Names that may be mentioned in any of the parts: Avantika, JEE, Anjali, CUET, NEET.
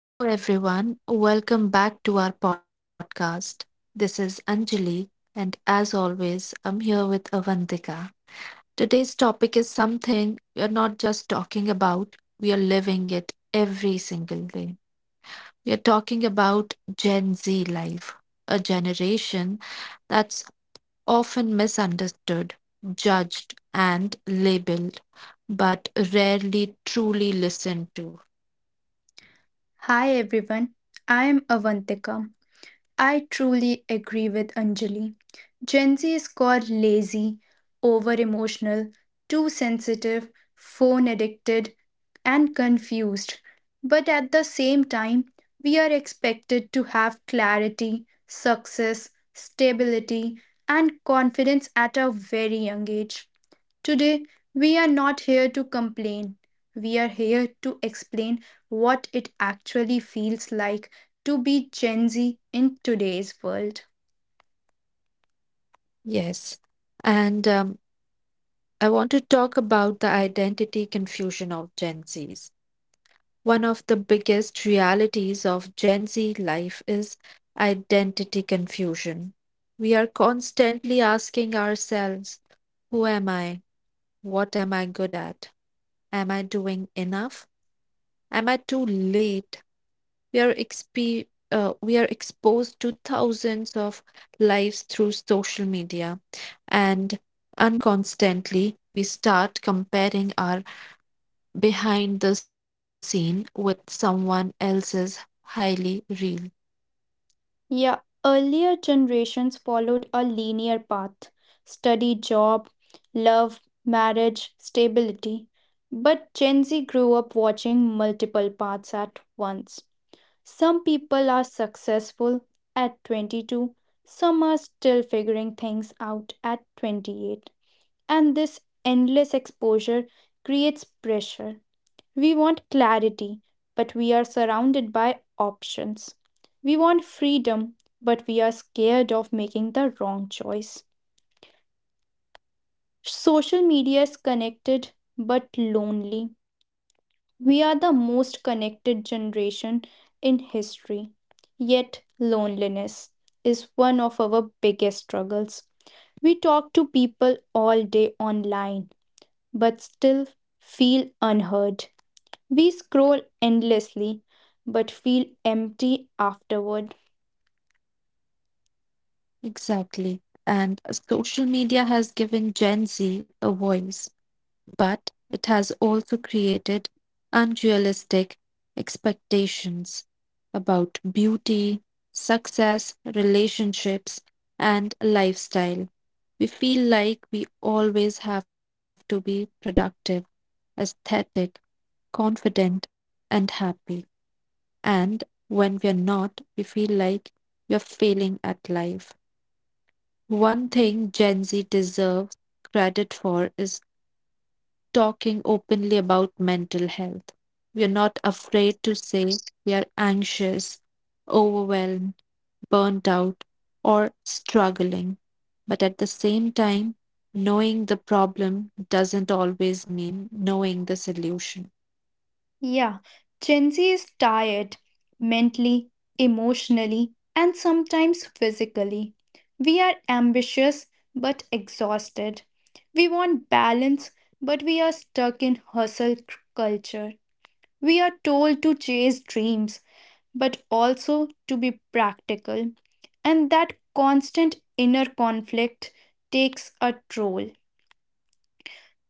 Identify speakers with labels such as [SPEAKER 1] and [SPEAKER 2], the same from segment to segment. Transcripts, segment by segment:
[SPEAKER 1] Hello, everyone. Welcome back to our podcast. This is Anjali, and as always, I'm here with Avantika. Today's topic is something we are not just talking about, we are living it every single day. We are talking about Gen Z life, a generation that's often misunderstood, judged, and labeled, but rarely truly listened to.
[SPEAKER 2] Hi everyone, I'm Avantika. I truly agree with Anjali. Gen Z is called lazy, over emotional, too sensitive, phone addicted, and confused. But at the same time, we are expected to have clarity, success, stability, and confidence at a very young age. Today, we are not here to complain. We are here to explain what it actually feels like to be Gen Z in today's world.
[SPEAKER 1] Yes. And I want to talk about the identity confusion of Gen Zs. One of the biggest realities of Gen Z life is identity confusion. We are constantly asking ourselves, who am I? What am I good at? Am I doing enough? Am I too late? We are exposed to thousands of lives through social media and unconstantly we start comparing our behind the scene with someone else's highly real.
[SPEAKER 2] Yeah, earlier generations followed a linear path study, job, love, marriage, stability. But Gen Z grew up watching multiple paths at once. Some people are successful at 22, some are still figuring things out at 28, and this endless exposure creates pressure. We want clarity, but we are surrounded by options. We want freedom, but we are scared of making the wrong choice. Social media is connected but lonely. We are the most connected generation in history, yet loneliness is one of our biggest struggles. We talk to people all day online but still feel unheard. We scroll endlessly but feel empty afterward.
[SPEAKER 1] Exactly. And social media has given Gen Z a voice, but it has also created unrealistic expectations about beauty, success, relationships, and lifestyle. We feel like we always have to be productive, aesthetic, confident, and happy. And when we're not, we feel like we're failing at life. One thing Gen Z deserves credit for is talking openly about mental health. We're not afraid to say we are anxious, overwhelmed, burnt out, or struggling. But at the same time, knowing the problem doesn't always mean knowing the solution.
[SPEAKER 2] Yeah, Gen Z is tired mentally, emotionally, and sometimes physically. We are ambitious but exhausted. We want balance, but we are stuck in hustle culture. We are told to chase dreams but also to be practical. And that constant inner conflict takes a toll.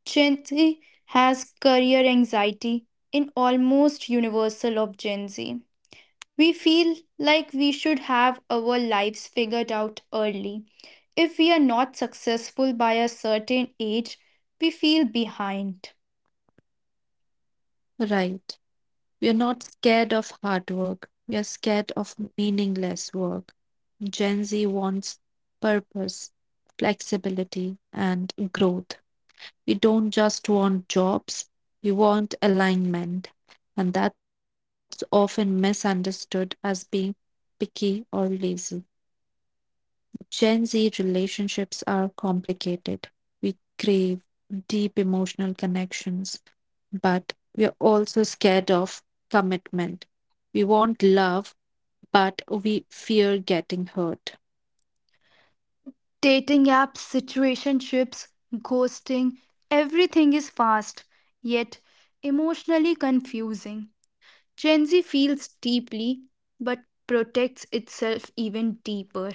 [SPEAKER 2] Gen Z has career anxiety in almost universal of Gen Z. We feel like we should have our lives figured out early. If we are not successful by a certain age, we feel behind.
[SPEAKER 1] Right. We are not scared of hard work. We are scared of meaningless work. Gen Z wants purpose, flexibility, and growth. We don't just want jobs, we want alignment. And that's often misunderstood as being picky or lazy. Gen Z relationships are complicated. We crave deep emotional connections, but we are also scared of commitment. We want love, but we fear getting hurt.
[SPEAKER 2] Dating apps, situationships, ghosting, everything is fast, yet emotionally confusing. Gen Z feels deeply but protects itself even deeper.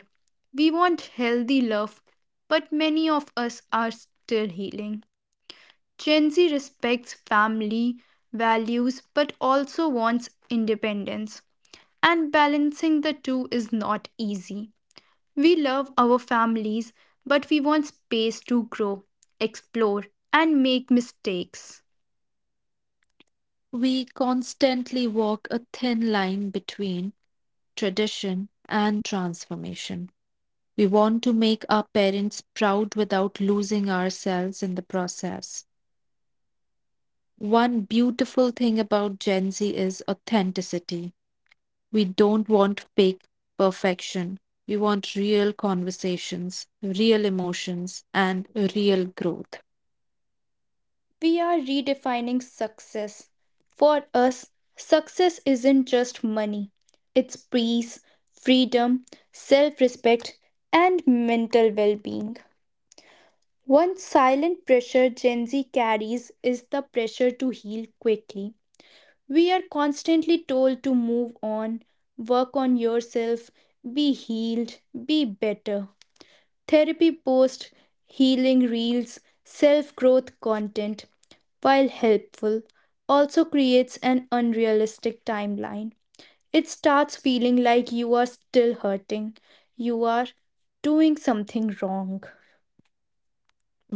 [SPEAKER 2] We want healthy love, but many of us are still healing. Gen Z respects family values but also wants independence, and balancing the two is not easy. We love our families, but we want space to grow, explore, and make mistakes.
[SPEAKER 1] We constantly walk a thin line between tradition and transformation. We want to make our parents proud without losing ourselves in the process. One beautiful thing about Gen Z is authenticity. We don't want fake perfection. We want real conversations, real emotions, and real growth.
[SPEAKER 2] We are redefining success. For us, success isn't just money, it's peace, freedom, self respect, and mental well being. One silent pressure Gen Z carries is the pressure to heal quickly. We are constantly told to move on, work on yourself, be healed, be better. Therapy posts, healing reels, self growth content, while helpful, also creates an unrealistic timeline. It starts feeling like you are still hurting, you are doing something wrong.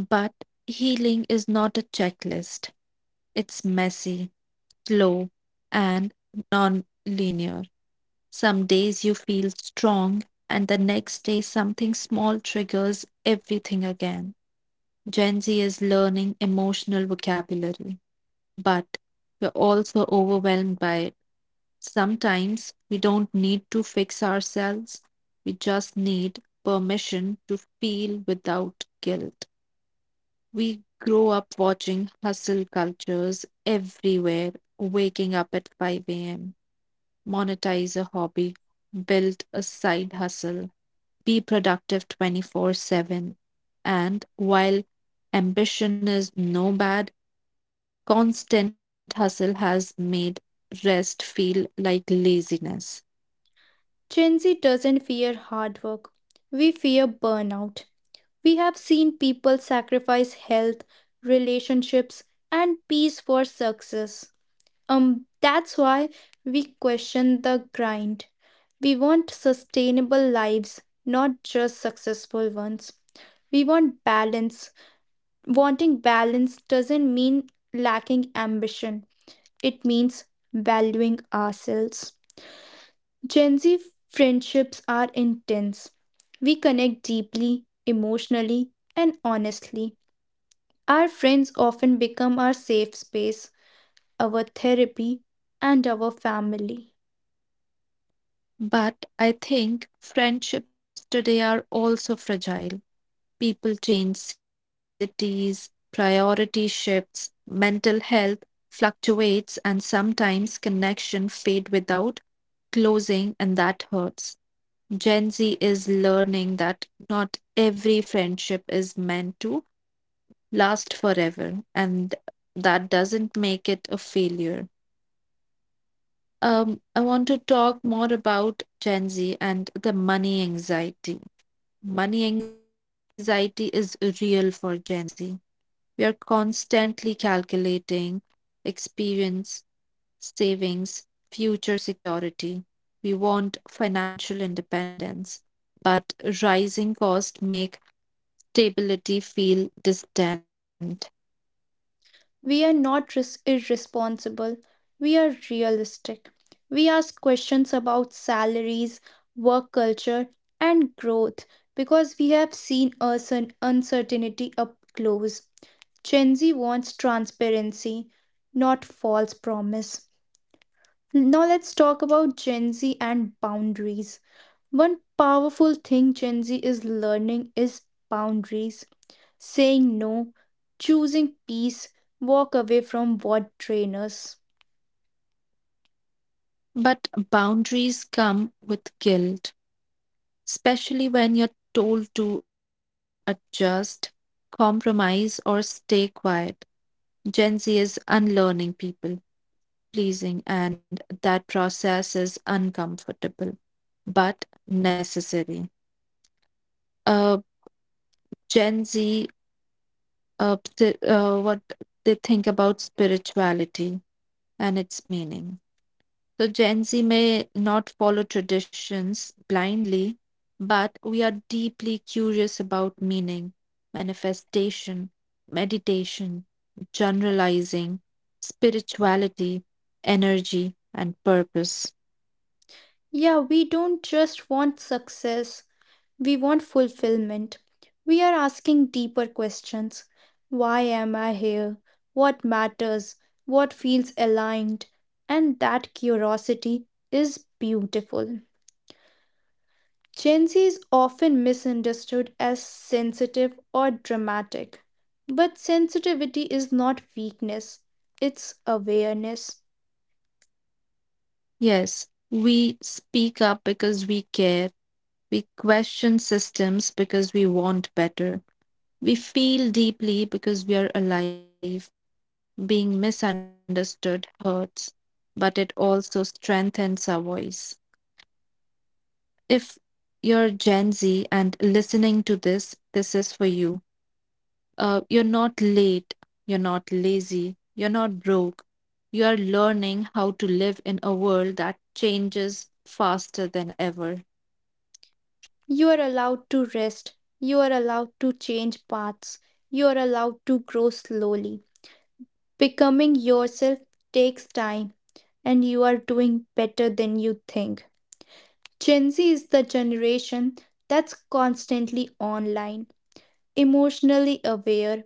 [SPEAKER 1] But healing is not a checklist, it's messy, slow, and non linear. Some days you feel strong, and the next day something small triggers everything again. Gen Z is learning emotional vocabulary, but we're also overwhelmed by it. Sometimes we don't need to fix ourselves, we just need permission to feel without guilt. We grow up watching hustle cultures everywhere, waking up at 5 a.m., monetize a hobby, build a side hustle, be productive 24/7. And while ambition is no bad, constant hustle has made rest feel like laziness.
[SPEAKER 2] Gen Z doesn't fear hard work. We fear burnout. We have seen people sacrifice health, relationships, and peace for success. That's why we question the grind. We want sustainable lives, not just successful ones. We want balance. Wanting balance doesn't mean lacking ambition, it means valuing ourselves. Gen Z friendships are intense. We connect deeply, emotionally, and honestly. Our friends often become our safe space, our therapy, and our family.
[SPEAKER 1] But I think friendships today are also fragile. People change cities, priority shifts, mental health fluctuates, and sometimes connection fade without closing, and that hurts. Gen Z is learning that not every friendship is meant to last forever, and that doesn't make it a failure. I want to talk more about Gen Z and the money anxiety. Money anxiety is real for Gen Z. We are constantly calculating experience, savings, future security. We want financial independence, but rising costs make stability feel distant.
[SPEAKER 2] We are not irresponsible, we are realistic. We ask questions about salaries, work culture, and growth because we have seen uncertainty up close. Gen Z wants transparency, not false promise. Now let's talk about Gen Z and boundaries. One powerful thing Gen Z is learning is boundaries, saying no, choosing peace, walk away from what train us.
[SPEAKER 1] But boundaries come with guilt, especially when you're told to adjust, compromise, or stay quiet. Gen Z is unlearning people pleasing, and that process is uncomfortable but necessary. Uh, Gen Z, what they think about spirituality and its meaning. So, Gen Z may not follow traditions blindly, but we are deeply curious about meaning, manifestation, meditation, generalizing, spirituality, energy, and purpose.
[SPEAKER 2] Yeah, we don't just want success, we want fulfillment. We are asking deeper questions. Why am I here? What matters? What feels aligned? And that curiosity is beautiful. Gen Z is often misunderstood as sensitive or dramatic. But sensitivity is not weakness, it's awareness.
[SPEAKER 1] Yes, we speak up because we care. We question systems because we want better. We feel deeply because we are alive. Being misunderstood hurts, but it also strengthens our voice. If you're Gen Z and listening to this, this is for you. You're not late. You're not lazy. You're not broke. You are learning how to live in a world that changes faster than ever.
[SPEAKER 2] You are allowed to rest. You are allowed to change paths. You are allowed to grow slowly. Becoming yourself takes time, and you are doing better than you think. Gen Z is the generation that's constantly online, emotionally aware,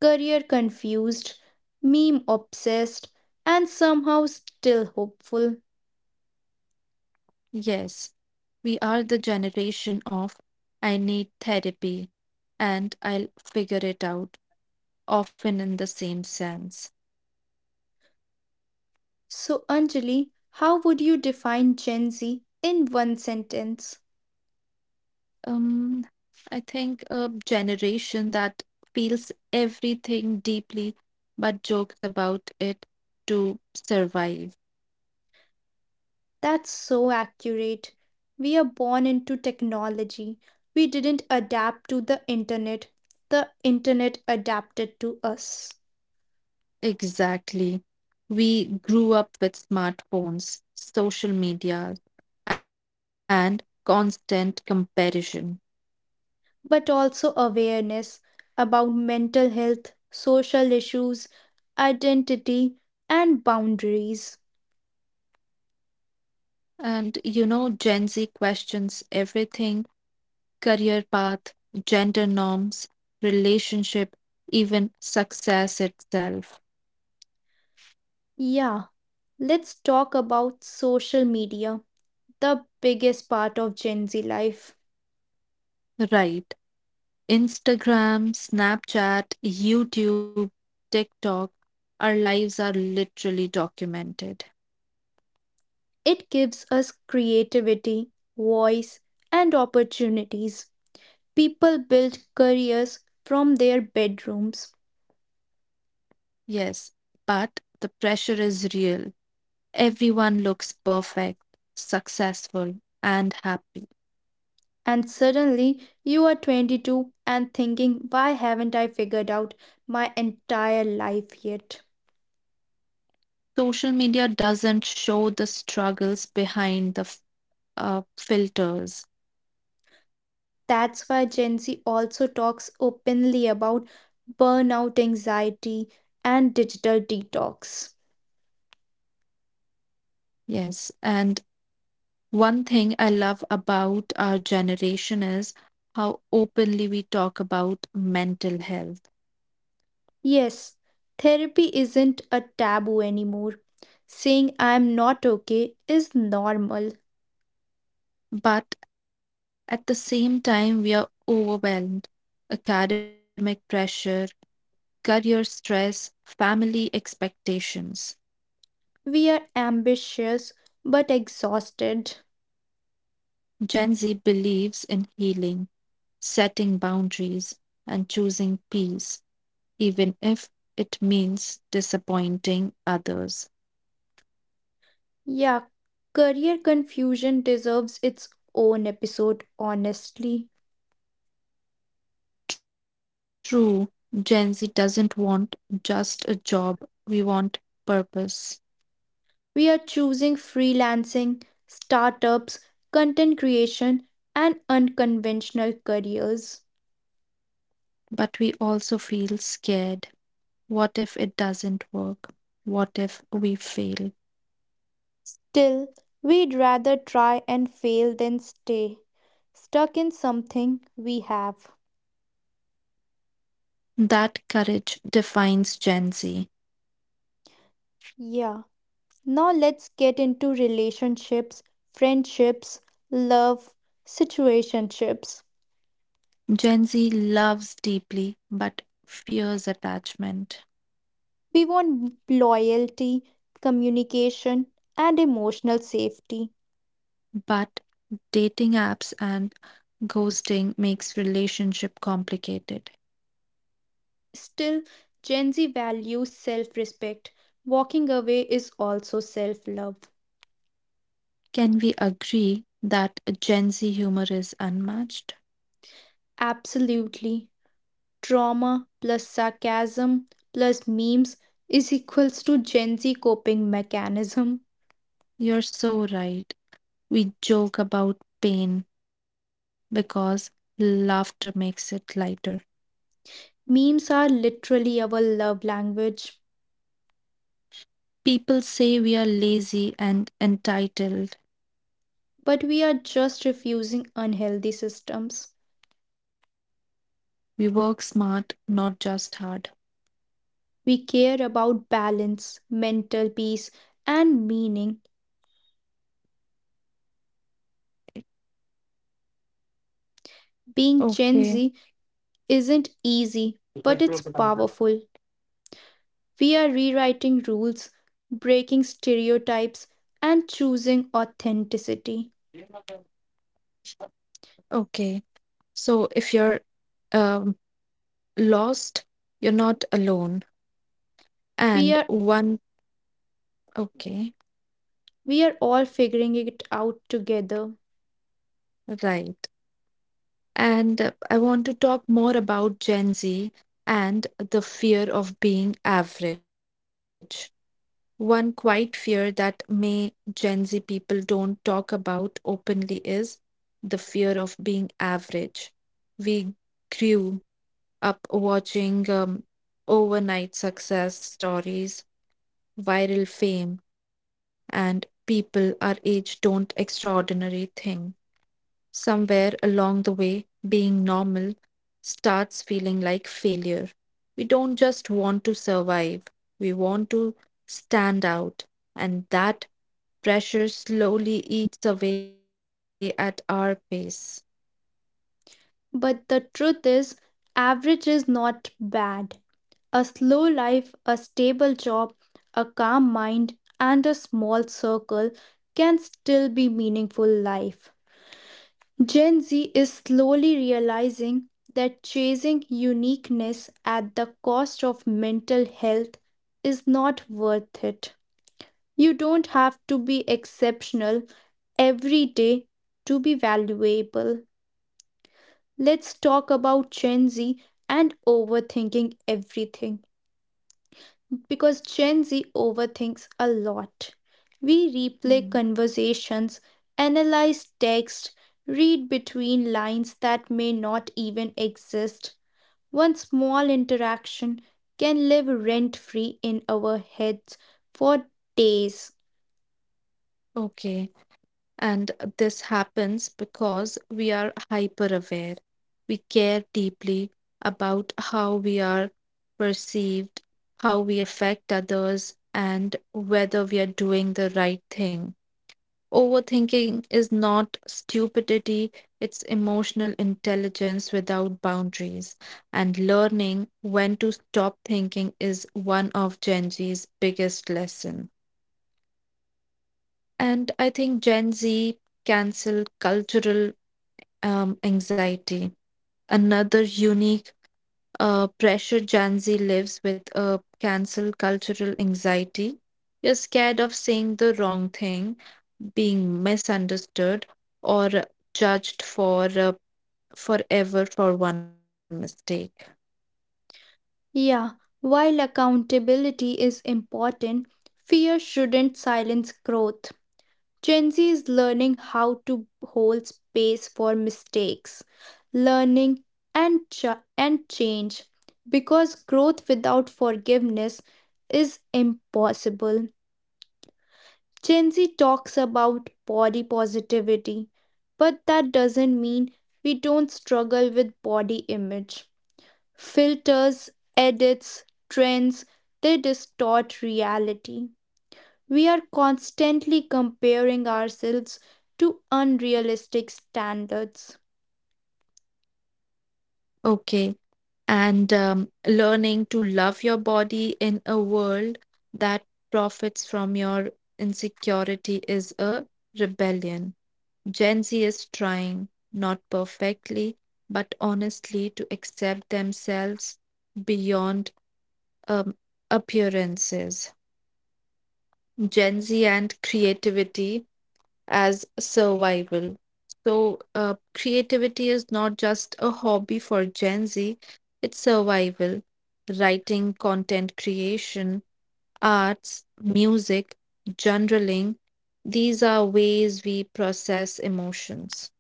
[SPEAKER 2] career confused, meme obsessed, and somehow still hopeful.
[SPEAKER 1] Yes, we are the generation of I need therapy and I'll figure it out, often in the same sense.
[SPEAKER 2] So, Anjali, how would you define Gen Z in one sentence?
[SPEAKER 1] Um, I think a generation that feels everything deeply but jokes about it to survive.
[SPEAKER 2] That's so accurate. We are born into technology. We didn't adapt to the internet. The internet adapted to us.
[SPEAKER 1] Exactly. We grew up with smartphones, social media, and constant comparison.
[SPEAKER 2] But also awareness about mental health, social issues, identity, and boundaries.
[SPEAKER 1] And you know, Gen Z questions everything, career path, gender norms, relationship, even success itself.
[SPEAKER 2] Yeah, let's talk about social media, the biggest part of Gen Z life.
[SPEAKER 1] Right. Instagram, Snapchat, YouTube, TikTok, our lives are literally documented.
[SPEAKER 2] It gives us creativity, voice, and opportunities. People build careers from their bedrooms.
[SPEAKER 1] Yes, but the pressure is real. Everyone looks perfect, successful, and happy.
[SPEAKER 2] And suddenly you are 22 and thinking, why haven't I figured out my entire life yet?
[SPEAKER 1] Social media doesn't show the struggles behind the filters.
[SPEAKER 2] That's why Gen Z also talks openly about burnout anxiety and digital detox.
[SPEAKER 1] Yes. And one thing I love about our generation is how openly we talk about mental health.
[SPEAKER 2] Yes, therapy isn't a taboo anymore. Saying I'm not okay is normal.
[SPEAKER 1] But at the same time, we are overwhelmed. Academic pressure, career stress, family expectations.
[SPEAKER 2] We are ambitious but exhausted.
[SPEAKER 1] Gen Z believes in healing, setting boundaries, and choosing peace, even if it means disappointing others.
[SPEAKER 2] Yeah, career confusion deserves its own episode, honestly.
[SPEAKER 1] True, Gen Z doesn't want just a job, we want purpose.
[SPEAKER 2] We are choosing freelancing, startups, content creation, and unconventional careers.
[SPEAKER 1] But we also feel scared. What if it doesn't work? What if we fail?
[SPEAKER 2] Still, we'd rather try and fail than stay stuck in something we have.
[SPEAKER 1] That courage defines Gen Z.
[SPEAKER 2] Yeah, now let's get into relationships, friendships, love, situationships.
[SPEAKER 1] Gen Z loves deeply but fears attachment.
[SPEAKER 2] We want loyalty, communication, and emotional safety.
[SPEAKER 1] But dating apps and ghosting makes relationship complicated.
[SPEAKER 2] Still, Gen Z values self respect. Walking away is also self love.
[SPEAKER 1] Can we agree that Gen Z humor is unmatched?
[SPEAKER 2] Absolutely. Trauma plus sarcasm plus memes is equals to Gen Z coping mechanism.
[SPEAKER 1] You're so right. We joke about pain because laughter makes it lighter.
[SPEAKER 2] Memes are literally our love language,
[SPEAKER 1] People say we are lazy and entitled.
[SPEAKER 2] but we are just refusing unhealthy systems.
[SPEAKER 1] We work smart, not just hard.
[SPEAKER 2] We care about balance, mental peace, and meaning. Being Gen
[SPEAKER 1] Okay,
[SPEAKER 2] Z isn't easy, but it's powerful. We are rewriting rules, breaking stereotypes, and choosing authenticity.
[SPEAKER 1] okay. So if you're um, lost, you're not alone. And
[SPEAKER 2] We are
[SPEAKER 1] one, okay,
[SPEAKER 2] we are all figuring it out together.
[SPEAKER 1] right. And I want to talk more about Gen Z and the fear of being average. One quiet fear that may Gen Z people don't talk about openly is the fear of being average. We grew up watching overnight success stories, viral fame, and people our age don't extraordinary thing. Somewhere along the way, being normal starts feeling like failure. We don't just want to survive, we want to stand out, and that pressure slowly eats away at our pace.
[SPEAKER 2] But the truth is, average is not bad. A slow life, a stable job, a calm mind, and a small circle can still be meaningful life. Gen Z is slowly realizing that chasing uniqueness at the cost of mental health is not worth it. You don't have to be exceptional every day to be valuable. Let's talk about Gen Z and overthinking everything because Gen Z overthinks a lot. We replay
[SPEAKER 1] Mm.
[SPEAKER 2] conversations, analyze text, read between lines that may not even exist. One small interaction can live rent free in our heads for days.
[SPEAKER 1] Okay. And this happens because we are hyper aware. We care deeply about how we are perceived, how we affect others, and whether we are doing the right thing. Overthinking is not stupidity, it's emotional intelligence without boundaries. And learning when to stop thinking is one of Gen Z's biggest lesson. And I think Gen Z cancel cultural anxiety. Another unique pressure Gen Z lives with a cancel cultural anxiety. You're scared of saying the wrong thing, being misunderstood, or judged for forever for one mistake.
[SPEAKER 2] Yeah, while accountability is important, fear shouldn't silence growth. Gen Z is learning how to hold space for mistakes, learning and ch- and change, because growth without forgiveness is impossible. Gen Z talks about body positivity, but that doesn't mean we don't struggle with body image. Filters, edits, trends, they distort reality. We are constantly comparing ourselves to unrealistic standards.
[SPEAKER 1] Okay. And learning to love your body in a world that profits from your insecurity is a rebellion. Gen Z is trying, not perfectly, but honestly, to accept themselves beyond um, appearances. Gen Z and creativity as survival. So, creativity is not just a hobby for Gen Z, it's survival. Writing, content creation, arts, music, journaling, these are ways we process emotions.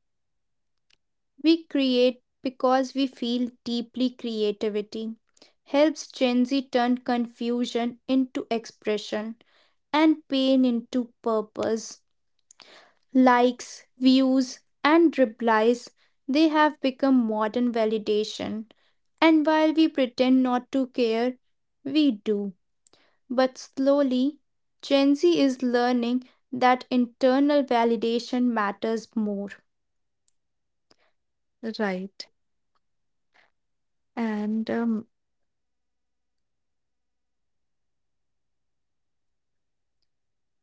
[SPEAKER 2] We create because we feel deeply. Creativity helps Gen Z turn confusion into expression and pain into purpose. Likes, views, and replies, they have become modern validation. And while we pretend not to care, we do. But slowly, Gen Z is learning that internal validation matters more,
[SPEAKER 1] Right. And um,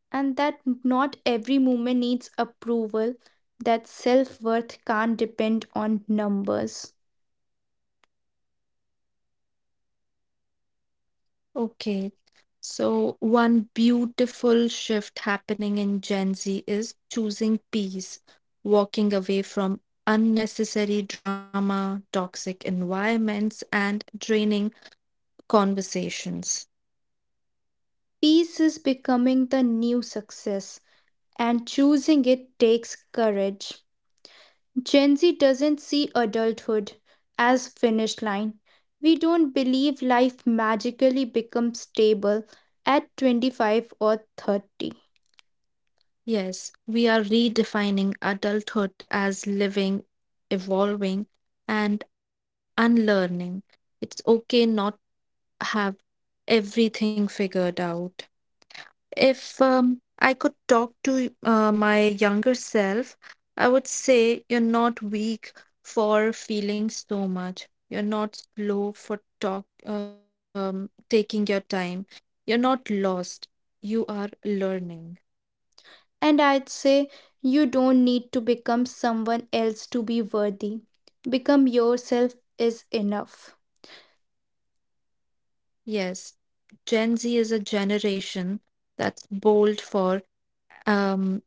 [SPEAKER 2] and that not every movement needs approval, that self worth can't depend on numbers.
[SPEAKER 1] okay, so one beautiful shift happening in Gen Z is choosing peace, walking away from unnecessary drama, toxic environments, and draining conversations.
[SPEAKER 2] Peace is becoming the new success, and choosing it takes courage. Gen Z doesn't see adulthood as finish line. We don't believe life magically becomes stable at 25 or 30.
[SPEAKER 1] Yes, we are redefining adulthood as living, evolving, and unlearning. It's okay not have everything figured out. If I could talk to my younger self, I would say you're not weak for feeling so much. You're not slow for talk taking your time. You're not lost. You are learning.
[SPEAKER 2] And I'd say you don't need to become someone else to be worthy. Become yourself is enough.
[SPEAKER 1] Yes, Gen Z is a generation that's bold for um,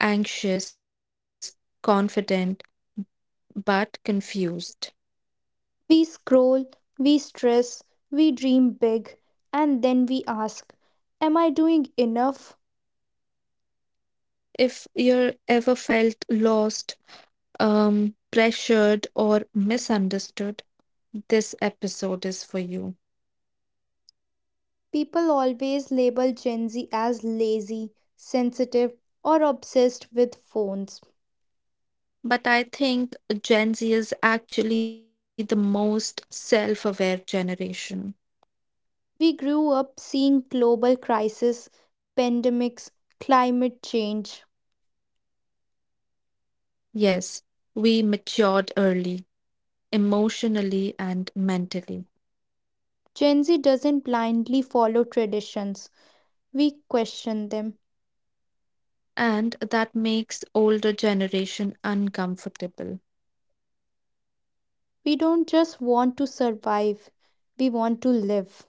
[SPEAKER 1] anxious, confident, but confused.
[SPEAKER 2] We scroll, we stress, we dream big, and then we ask, am I doing enough?
[SPEAKER 1] If you're ever felt lost, pressured or misunderstood, this episode is for you.
[SPEAKER 2] People always label Gen Z as lazy, sensitive, or obsessed with phones.
[SPEAKER 1] But I think Gen Z is actually the most self aware generation.
[SPEAKER 2] We grew up seeing global crisis, pandemics, climate change.
[SPEAKER 1] Yes, we matured early, emotionally and mentally.
[SPEAKER 2] Gen Z doesn't blindly follow traditions. We question them.
[SPEAKER 1] And that makes older generation uncomfortable.
[SPEAKER 2] We don't just want to survive, we want to live.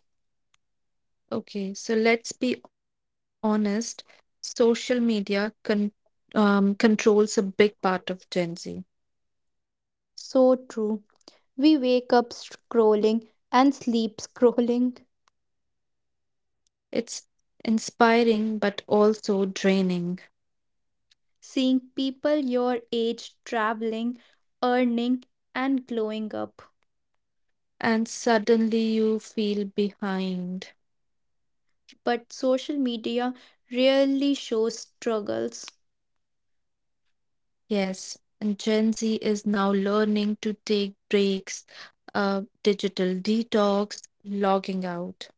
[SPEAKER 1] Okay, so let's be honest. Social media controls a big part of Gen Z.
[SPEAKER 2] So true. We wake up scrolling and sleep scrolling,
[SPEAKER 1] It's inspiring but also draining.
[SPEAKER 2] seeing people your age traveling, earning, and glowing up.
[SPEAKER 1] And suddenly you feel behind.
[SPEAKER 2] But social media rarely shows struggles,
[SPEAKER 1] Yes, and Gen Z is now learning to take breaks, digital detox, logging out.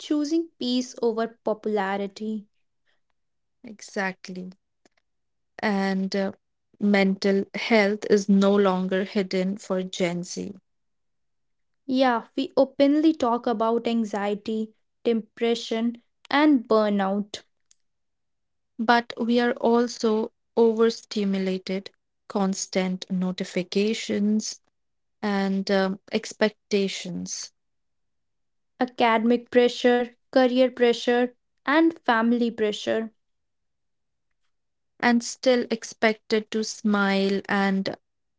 [SPEAKER 2] choosing peace over popularity.
[SPEAKER 1] Exactly. And mental health is no longer hidden for Gen Z.
[SPEAKER 2] Yeah, we openly talk about anxiety, depression, and burnout,
[SPEAKER 1] But we are also overstimulated, constant notifications and expectations.
[SPEAKER 2] academic pressure, career pressure, and family pressure.
[SPEAKER 1] And still expected to smile and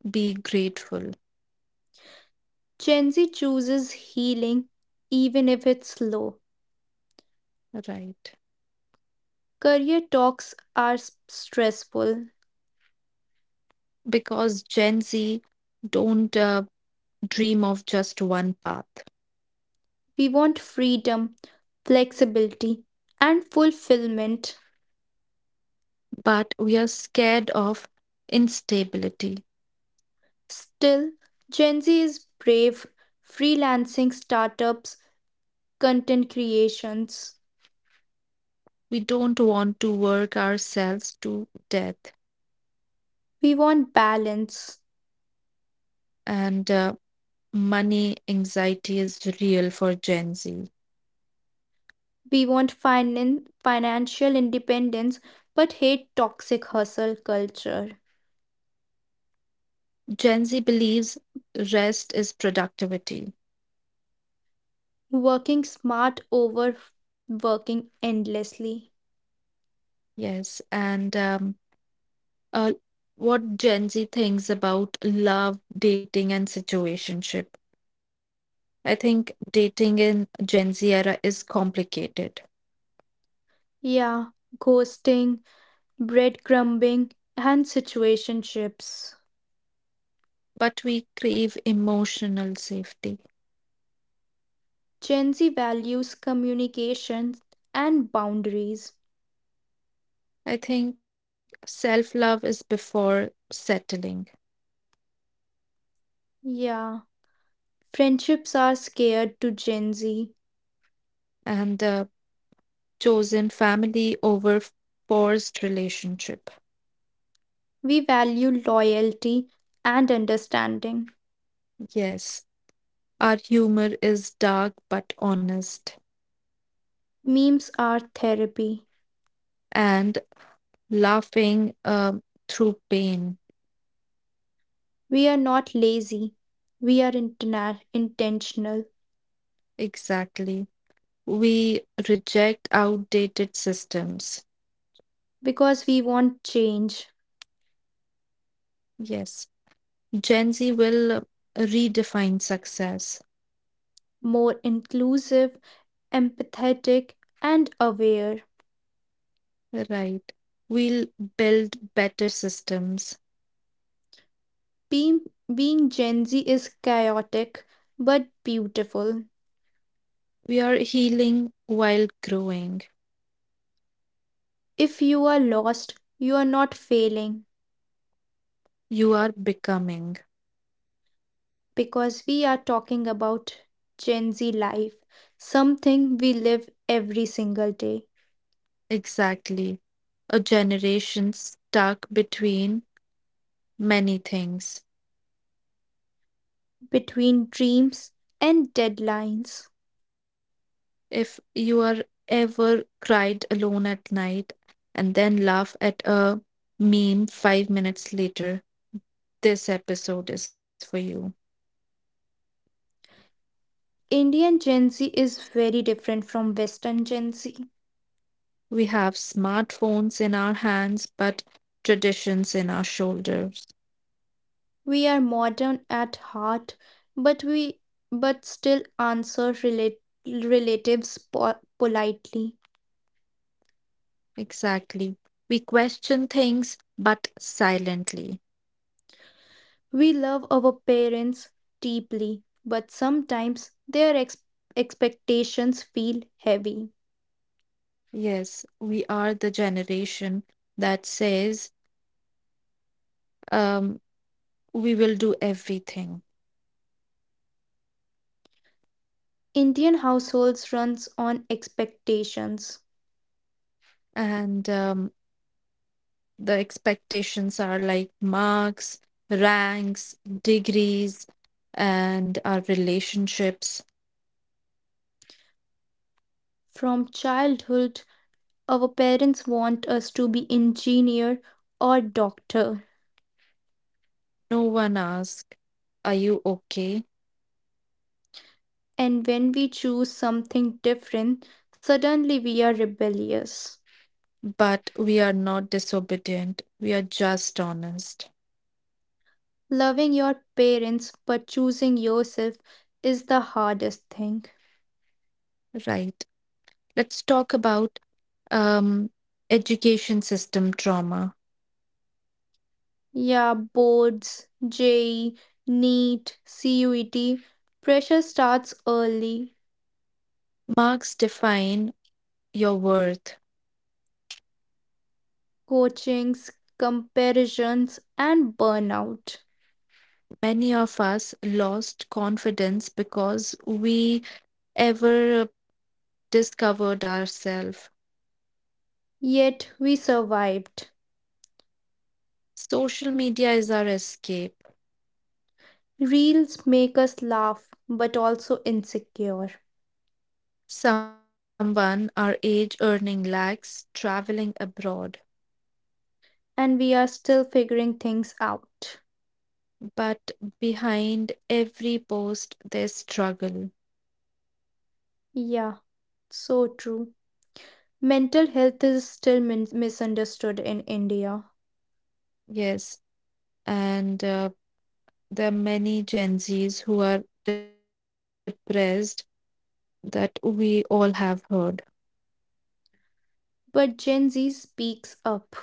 [SPEAKER 1] be grateful,
[SPEAKER 2] Gen Z chooses healing even if it's slow.
[SPEAKER 1] right?
[SPEAKER 2] Career talks are stressful.
[SPEAKER 1] Because Gen Z don't dream of just one path,
[SPEAKER 2] We want freedom, flexibility, and fulfillment.
[SPEAKER 1] but we are scared of instability.
[SPEAKER 2] Still, Gen Z is brave, freelancing startups, content creations.
[SPEAKER 1] We don't want to work ourselves to death.
[SPEAKER 2] We want balance.
[SPEAKER 1] And money anxiety is real for Gen Z.
[SPEAKER 2] We want financial independence but hate toxic hustle culture.
[SPEAKER 1] Gen Z believes rest is productivity.
[SPEAKER 2] Working smart over working endlessly.
[SPEAKER 1] Yes and uh, what Gen Z thinks about love, dating, and situationship. I think dating in Gen Z era is complicated,
[SPEAKER 2] Yeah, ghosting, breadcrumbing, and situationships.
[SPEAKER 1] but we crave emotional safety.
[SPEAKER 2] Gen Z values communication and boundaries.
[SPEAKER 1] I think self love is before settling.
[SPEAKER 2] Yeah, friendships are scared to Gen Z.
[SPEAKER 1] And chosen family over forced relationship.
[SPEAKER 2] We value loyalty and understanding.
[SPEAKER 1] Yes, our humor is dark but honest
[SPEAKER 2] Memes are therapy.
[SPEAKER 1] and laughing through pain.
[SPEAKER 2] We are not lazy, we are intentional,
[SPEAKER 1] Exactly. We reject outdated systems.
[SPEAKER 2] because we want change,
[SPEAKER 1] Yes. Gen Z will redefine success.
[SPEAKER 2] more inclusive, empathetic, and aware.
[SPEAKER 1] Right. We'll build better systems.
[SPEAKER 2] Being, being Gen Z is chaotic but beautiful.
[SPEAKER 1] We are healing while growing.
[SPEAKER 2] If you are lost, you are not failing
[SPEAKER 1] You are becoming.
[SPEAKER 2] because we are talking about Gen Z life, something we live every single day,
[SPEAKER 1] Exactly. A generation stuck between many things.
[SPEAKER 2] between dreams and deadlines.
[SPEAKER 1] If you are ever cried alone at night and then laugh at a meme 5 minutes later, this episode is for you.
[SPEAKER 2] Indian Gen Z is very different from Western Gen Z.
[SPEAKER 1] We have smartphones in our hands, but traditions in our shoulders.
[SPEAKER 2] We are modern at heart, but we but still answer relatives politely.
[SPEAKER 1] Exactly. We question things, but silently.
[SPEAKER 2] We love our parents deeply, but sometimes their expectations feel heavy.
[SPEAKER 1] Yes, we are the generation that says, um, we will do everything.
[SPEAKER 2] Indian households runs on expectations.
[SPEAKER 1] And the expectations are like marks, ranks, degrees, and our relationships.
[SPEAKER 2] From childhood, our parents want us to be engineer or doctor.
[SPEAKER 1] No one asks, are you okay?
[SPEAKER 2] And when we choose something different, suddenly we are rebellious.
[SPEAKER 1] But we are not disobedient. We are just honest,
[SPEAKER 2] Loving your parents but choosing yourself is the hardest thing.
[SPEAKER 1] right? Let's talk about um, education system trauma.
[SPEAKER 2] Yeah, boards, JEE, NEET, CUET, pressure starts early,
[SPEAKER 1] Marks define your worth.
[SPEAKER 2] coachings, comparisons, and burnout.
[SPEAKER 1] Many of us lost confidence because we ever discovered ourselves.
[SPEAKER 2] Yet we survived.
[SPEAKER 1] Social media is our escape.
[SPEAKER 2] Reels make us laugh but also insecure,
[SPEAKER 1] Someone our age earning lakhs, traveling abroad,
[SPEAKER 2] and we are still figuring things out.
[SPEAKER 1] but behind every post, there's struggle.
[SPEAKER 2] Yeah. So true. Mental health is still misunderstood in India,
[SPEAKER 1] Yes, and there are many Gen Zs who are depressed that we all have heard.
[SPEAKER 2] but Gen Z speaks up.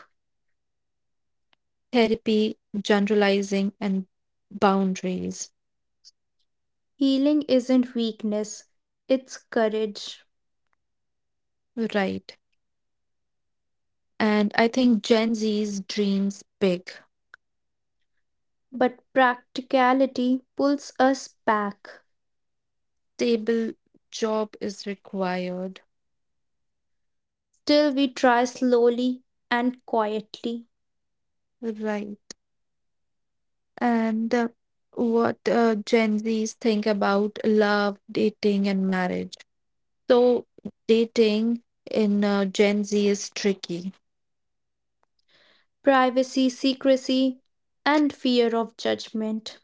[SPEAKER 1] Therapy, generalizing, and boundaries.
[SPEAKER 2] Healing isn't weakness, it's courage.
[SPEAKER 1] Right. And I think Gen Z's dreams big.
[SPEAKER 2] But practicality pulls us back.
[SPEAKER 1] Stable job is required.
[SPEAKER 2] Still, we try slowly and quietly.
[SPEAKER 1] Right. And what Gen Zs think about love, dating, and marriage. So dating in Gen Z is tricky,
[SPEAKER 2] Privacy, secrecy, and fear of judgment.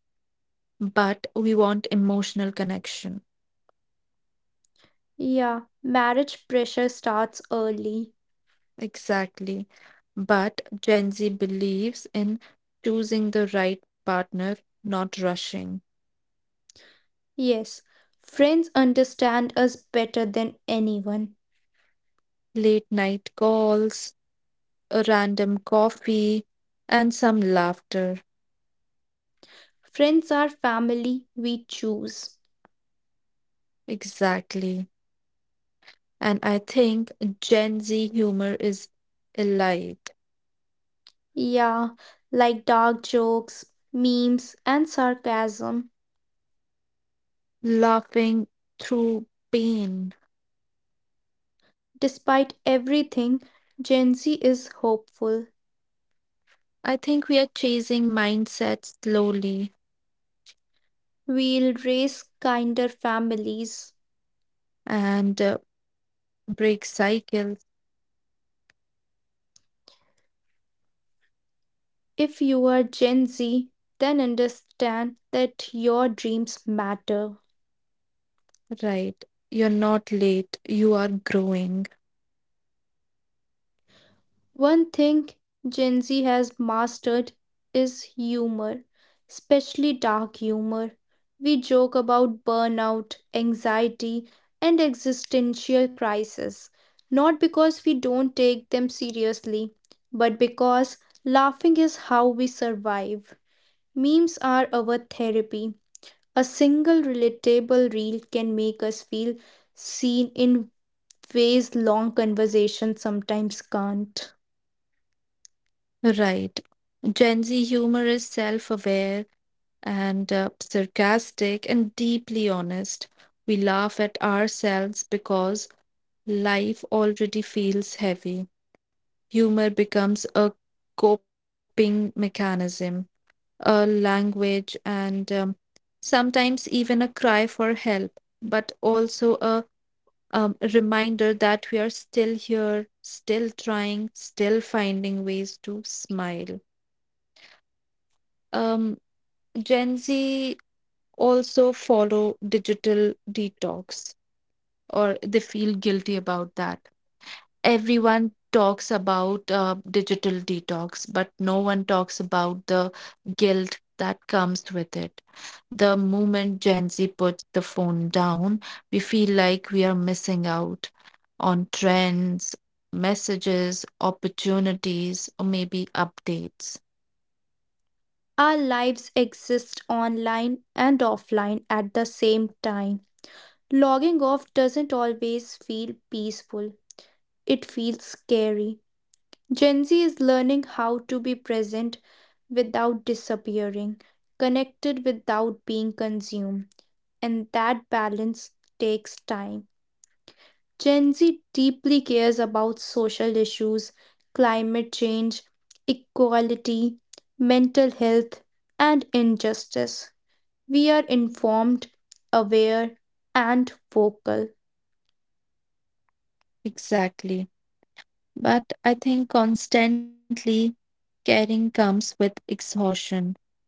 [SPEAKER 1] but we want emotional connection.
[SPEAKER 2] Yeah, marriage pressure starts early.
[SPEAKER 1] Exactly. But Gen Z believes in choosing the right partner, not rushing.
[SPEAKER 2] Yes, friends understand us better than anyone.
[SPEAKER 1] Late night calls, a random coffee, and some laughter.
[SPEAKER 2] Friends are family we choose.
[SPEAKER 1] Exactly. And I think Gen Z humor is elite,
[SPEAKER 2] Yeah, like dark jokes, memes, and sarcasm.
[SPEAKER 1] laughing through pain.
[SPEAKER 2] Despite everything, Gen Z is hopeful.
[SPEAKER 1] I think we are chasing mindsets slowly
[SPEAKER 2] We'll raise kinder families.
[SPEAKER 1] and break cycles.
[SPEAKER 2] If you are Gen Z, then understand that your dreams matter.
[SPEAKER 1] Right. You're not late. You are growing.
[SPEAKER 2] One thing Gen Z has mastered is humor, especially dark humor. We joke about burnout, anxiety, and existential crisis, not because we don't take them seriously, but because laughing is how we survive. Memes are our therapy. A single relatable reel can make us feel seen in ways long conversations sometimes can't.
[SPEAKER 1] Right. Gen Z humor is self aware and sarcastic and deeply honest. We laugh at ourselves because life already feels heavy. Humor becomes a coping mechanism, a language, and sometimes even a cry for help, but also a reminder that we are still here, still trying, still finding ways to smile. Um, Gen Z also follow digital detox, or they feel guilty about that. Everyone talks about digital detox, but no one talks about the guilt that comes with it. The moment Gen Z puts the phone down, we feel like we are missing out on trends, messages, opportunities, or maybe updates.
[SPEAKER 2] Our lives exist online and offline at the same time. Logging off doesn't always feel peaceful, it feels scary. Gen Z is learning how to be present without disappearing, connected without being consumed, and that balance takes time. Gen Z deeply cares about social issues, climate change, equality, mental health, and injustice. We are informed, aware, and vocal.
[SPEAKER 1] Exactly. But I think constantly caring comes with exhaustion.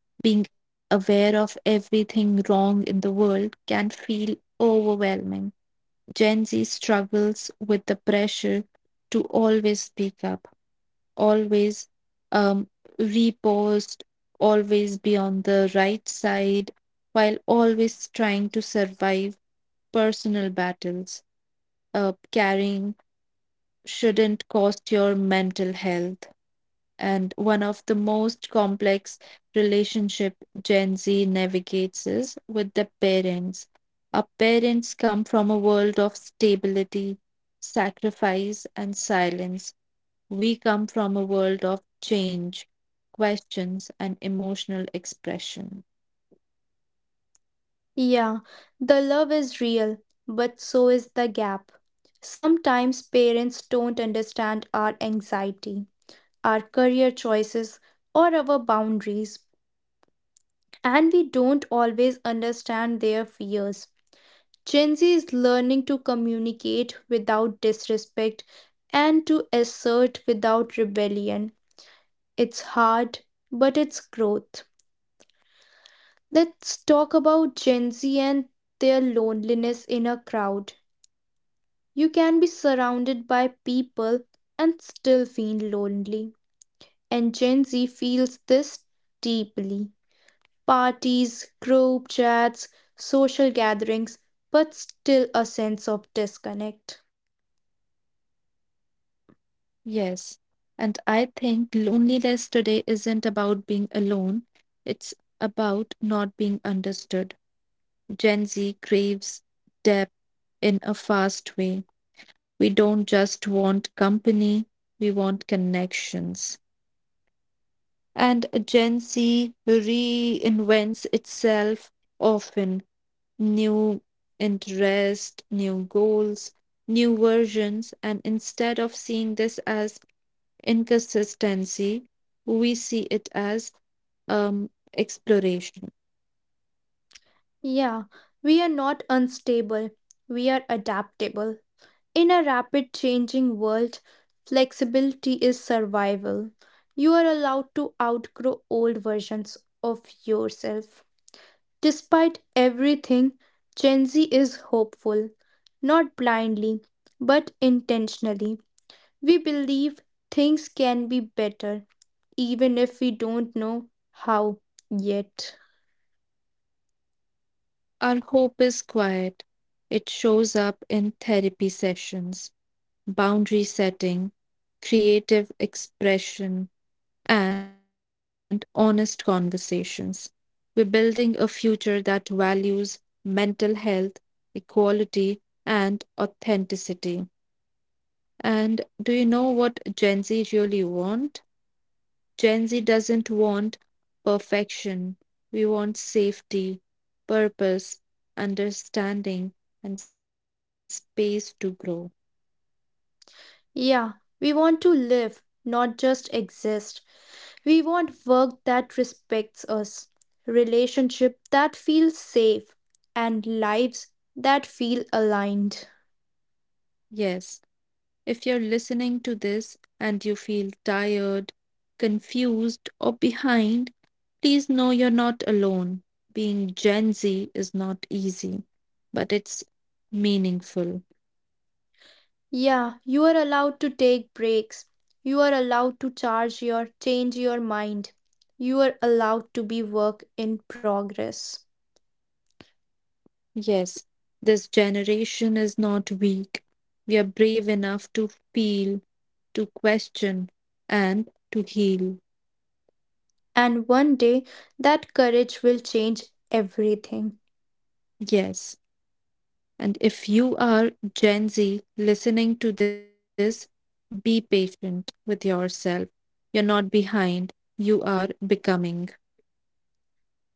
[SPEAKER 1] Being aware of everything wrong in the world can feel overwhelming. Gen Z struggles with the pressure to always speak up, always um, repost, always be on the right side, while always trying to survive personal battles. Carrying shouldn't cost your mental health, and one of the most complex relationship Gen Z navigates is with their parents. Our parents come from a world of stability, sacrifice, and silence. We come from a world of change, questions, and emotional expression.
[SPEAKER 2] Yeah, the love is real, but so is the gap. Sometimes parents don't understand our anxiety, our career choices, or our boundaries, and we don't always understand their fears. Gen Z is learning to communicate without disrespect and to assert without rebellion. It's hard, but it's growth. Let's talk about Gen Z and their loneliness in a crowd. You can be surrounded by people and still feel lonely. And Gen Z feels this deeply. Parties, group chats, social gatherings, but still a sense of disconnect.
[SPEAKER 1] Yes, and I think loneliness today isn't about being alone, it's about not being understood. Gen Z craves depth in a fast way. We don't just want company, we want connections. And Gen Z reinvents itself often, new interest, new goals, new versions, and instead of seeing this as inconsistency, we see it as um, exploration.
[SPEAKER 2] Yeah, we are not unstable, we are adaptable. In a rapid changing world, flexibility is survival. You are allowed to outgrow old versions of yourself. Despite everything, Gen Z is hopeful, not blindly, but intentionally. We believe things can be better, even if we don't know how yet.
[SPEAKER 1] Our hope is quiet. It shows up in therapy sessions, boundary setting, creative expression, and honest conversations. We're building a future that values mental health, equality, and authenticity. And do you know what Gen Z really want? Gen Z doesn't want perfection. We want safety, purpose, understanding, and space to grow.
[SPEAKER 2] Yeah, we want to live, not just exist. We want work that respects us, relationship that feels safe, and lives that feel aligned.
[SPEAKER 1] Yes, if you're listening to this and you feel tired, confused, or behind, please know you're not alone. Being Gen Z is not easy, but it's meaningful.
[SPEAKER 2] Yeah, you are allowed to take breaks. You are allowed to charge your change your mind. You are allowed to be work in progress.
[SPEAKER 1] Yes, this generation is not weak. We are brave enough to feel, to question, and to heal.
[SPEAKER 2] And one day that courage will change everything.
[SPEAKER 1] Yes. And if you are Gen Z listening to this, be patient with yourself. You're not behind, you are becoming.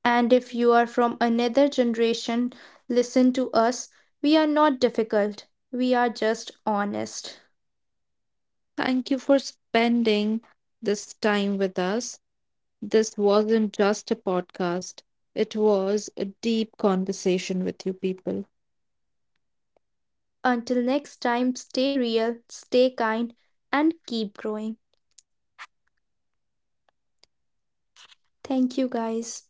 [SPEAKER 2] And if you are from another generation, listen to us. We are not difficult, we are just honest.
[SPEAKER 1] Thank you for spending this time with us. This wasn't just a podcast, it was a deep conversation with you people.
[SPEAKER 2] Until next time, stay real, stay kind, and keep growing. Thank you, guys.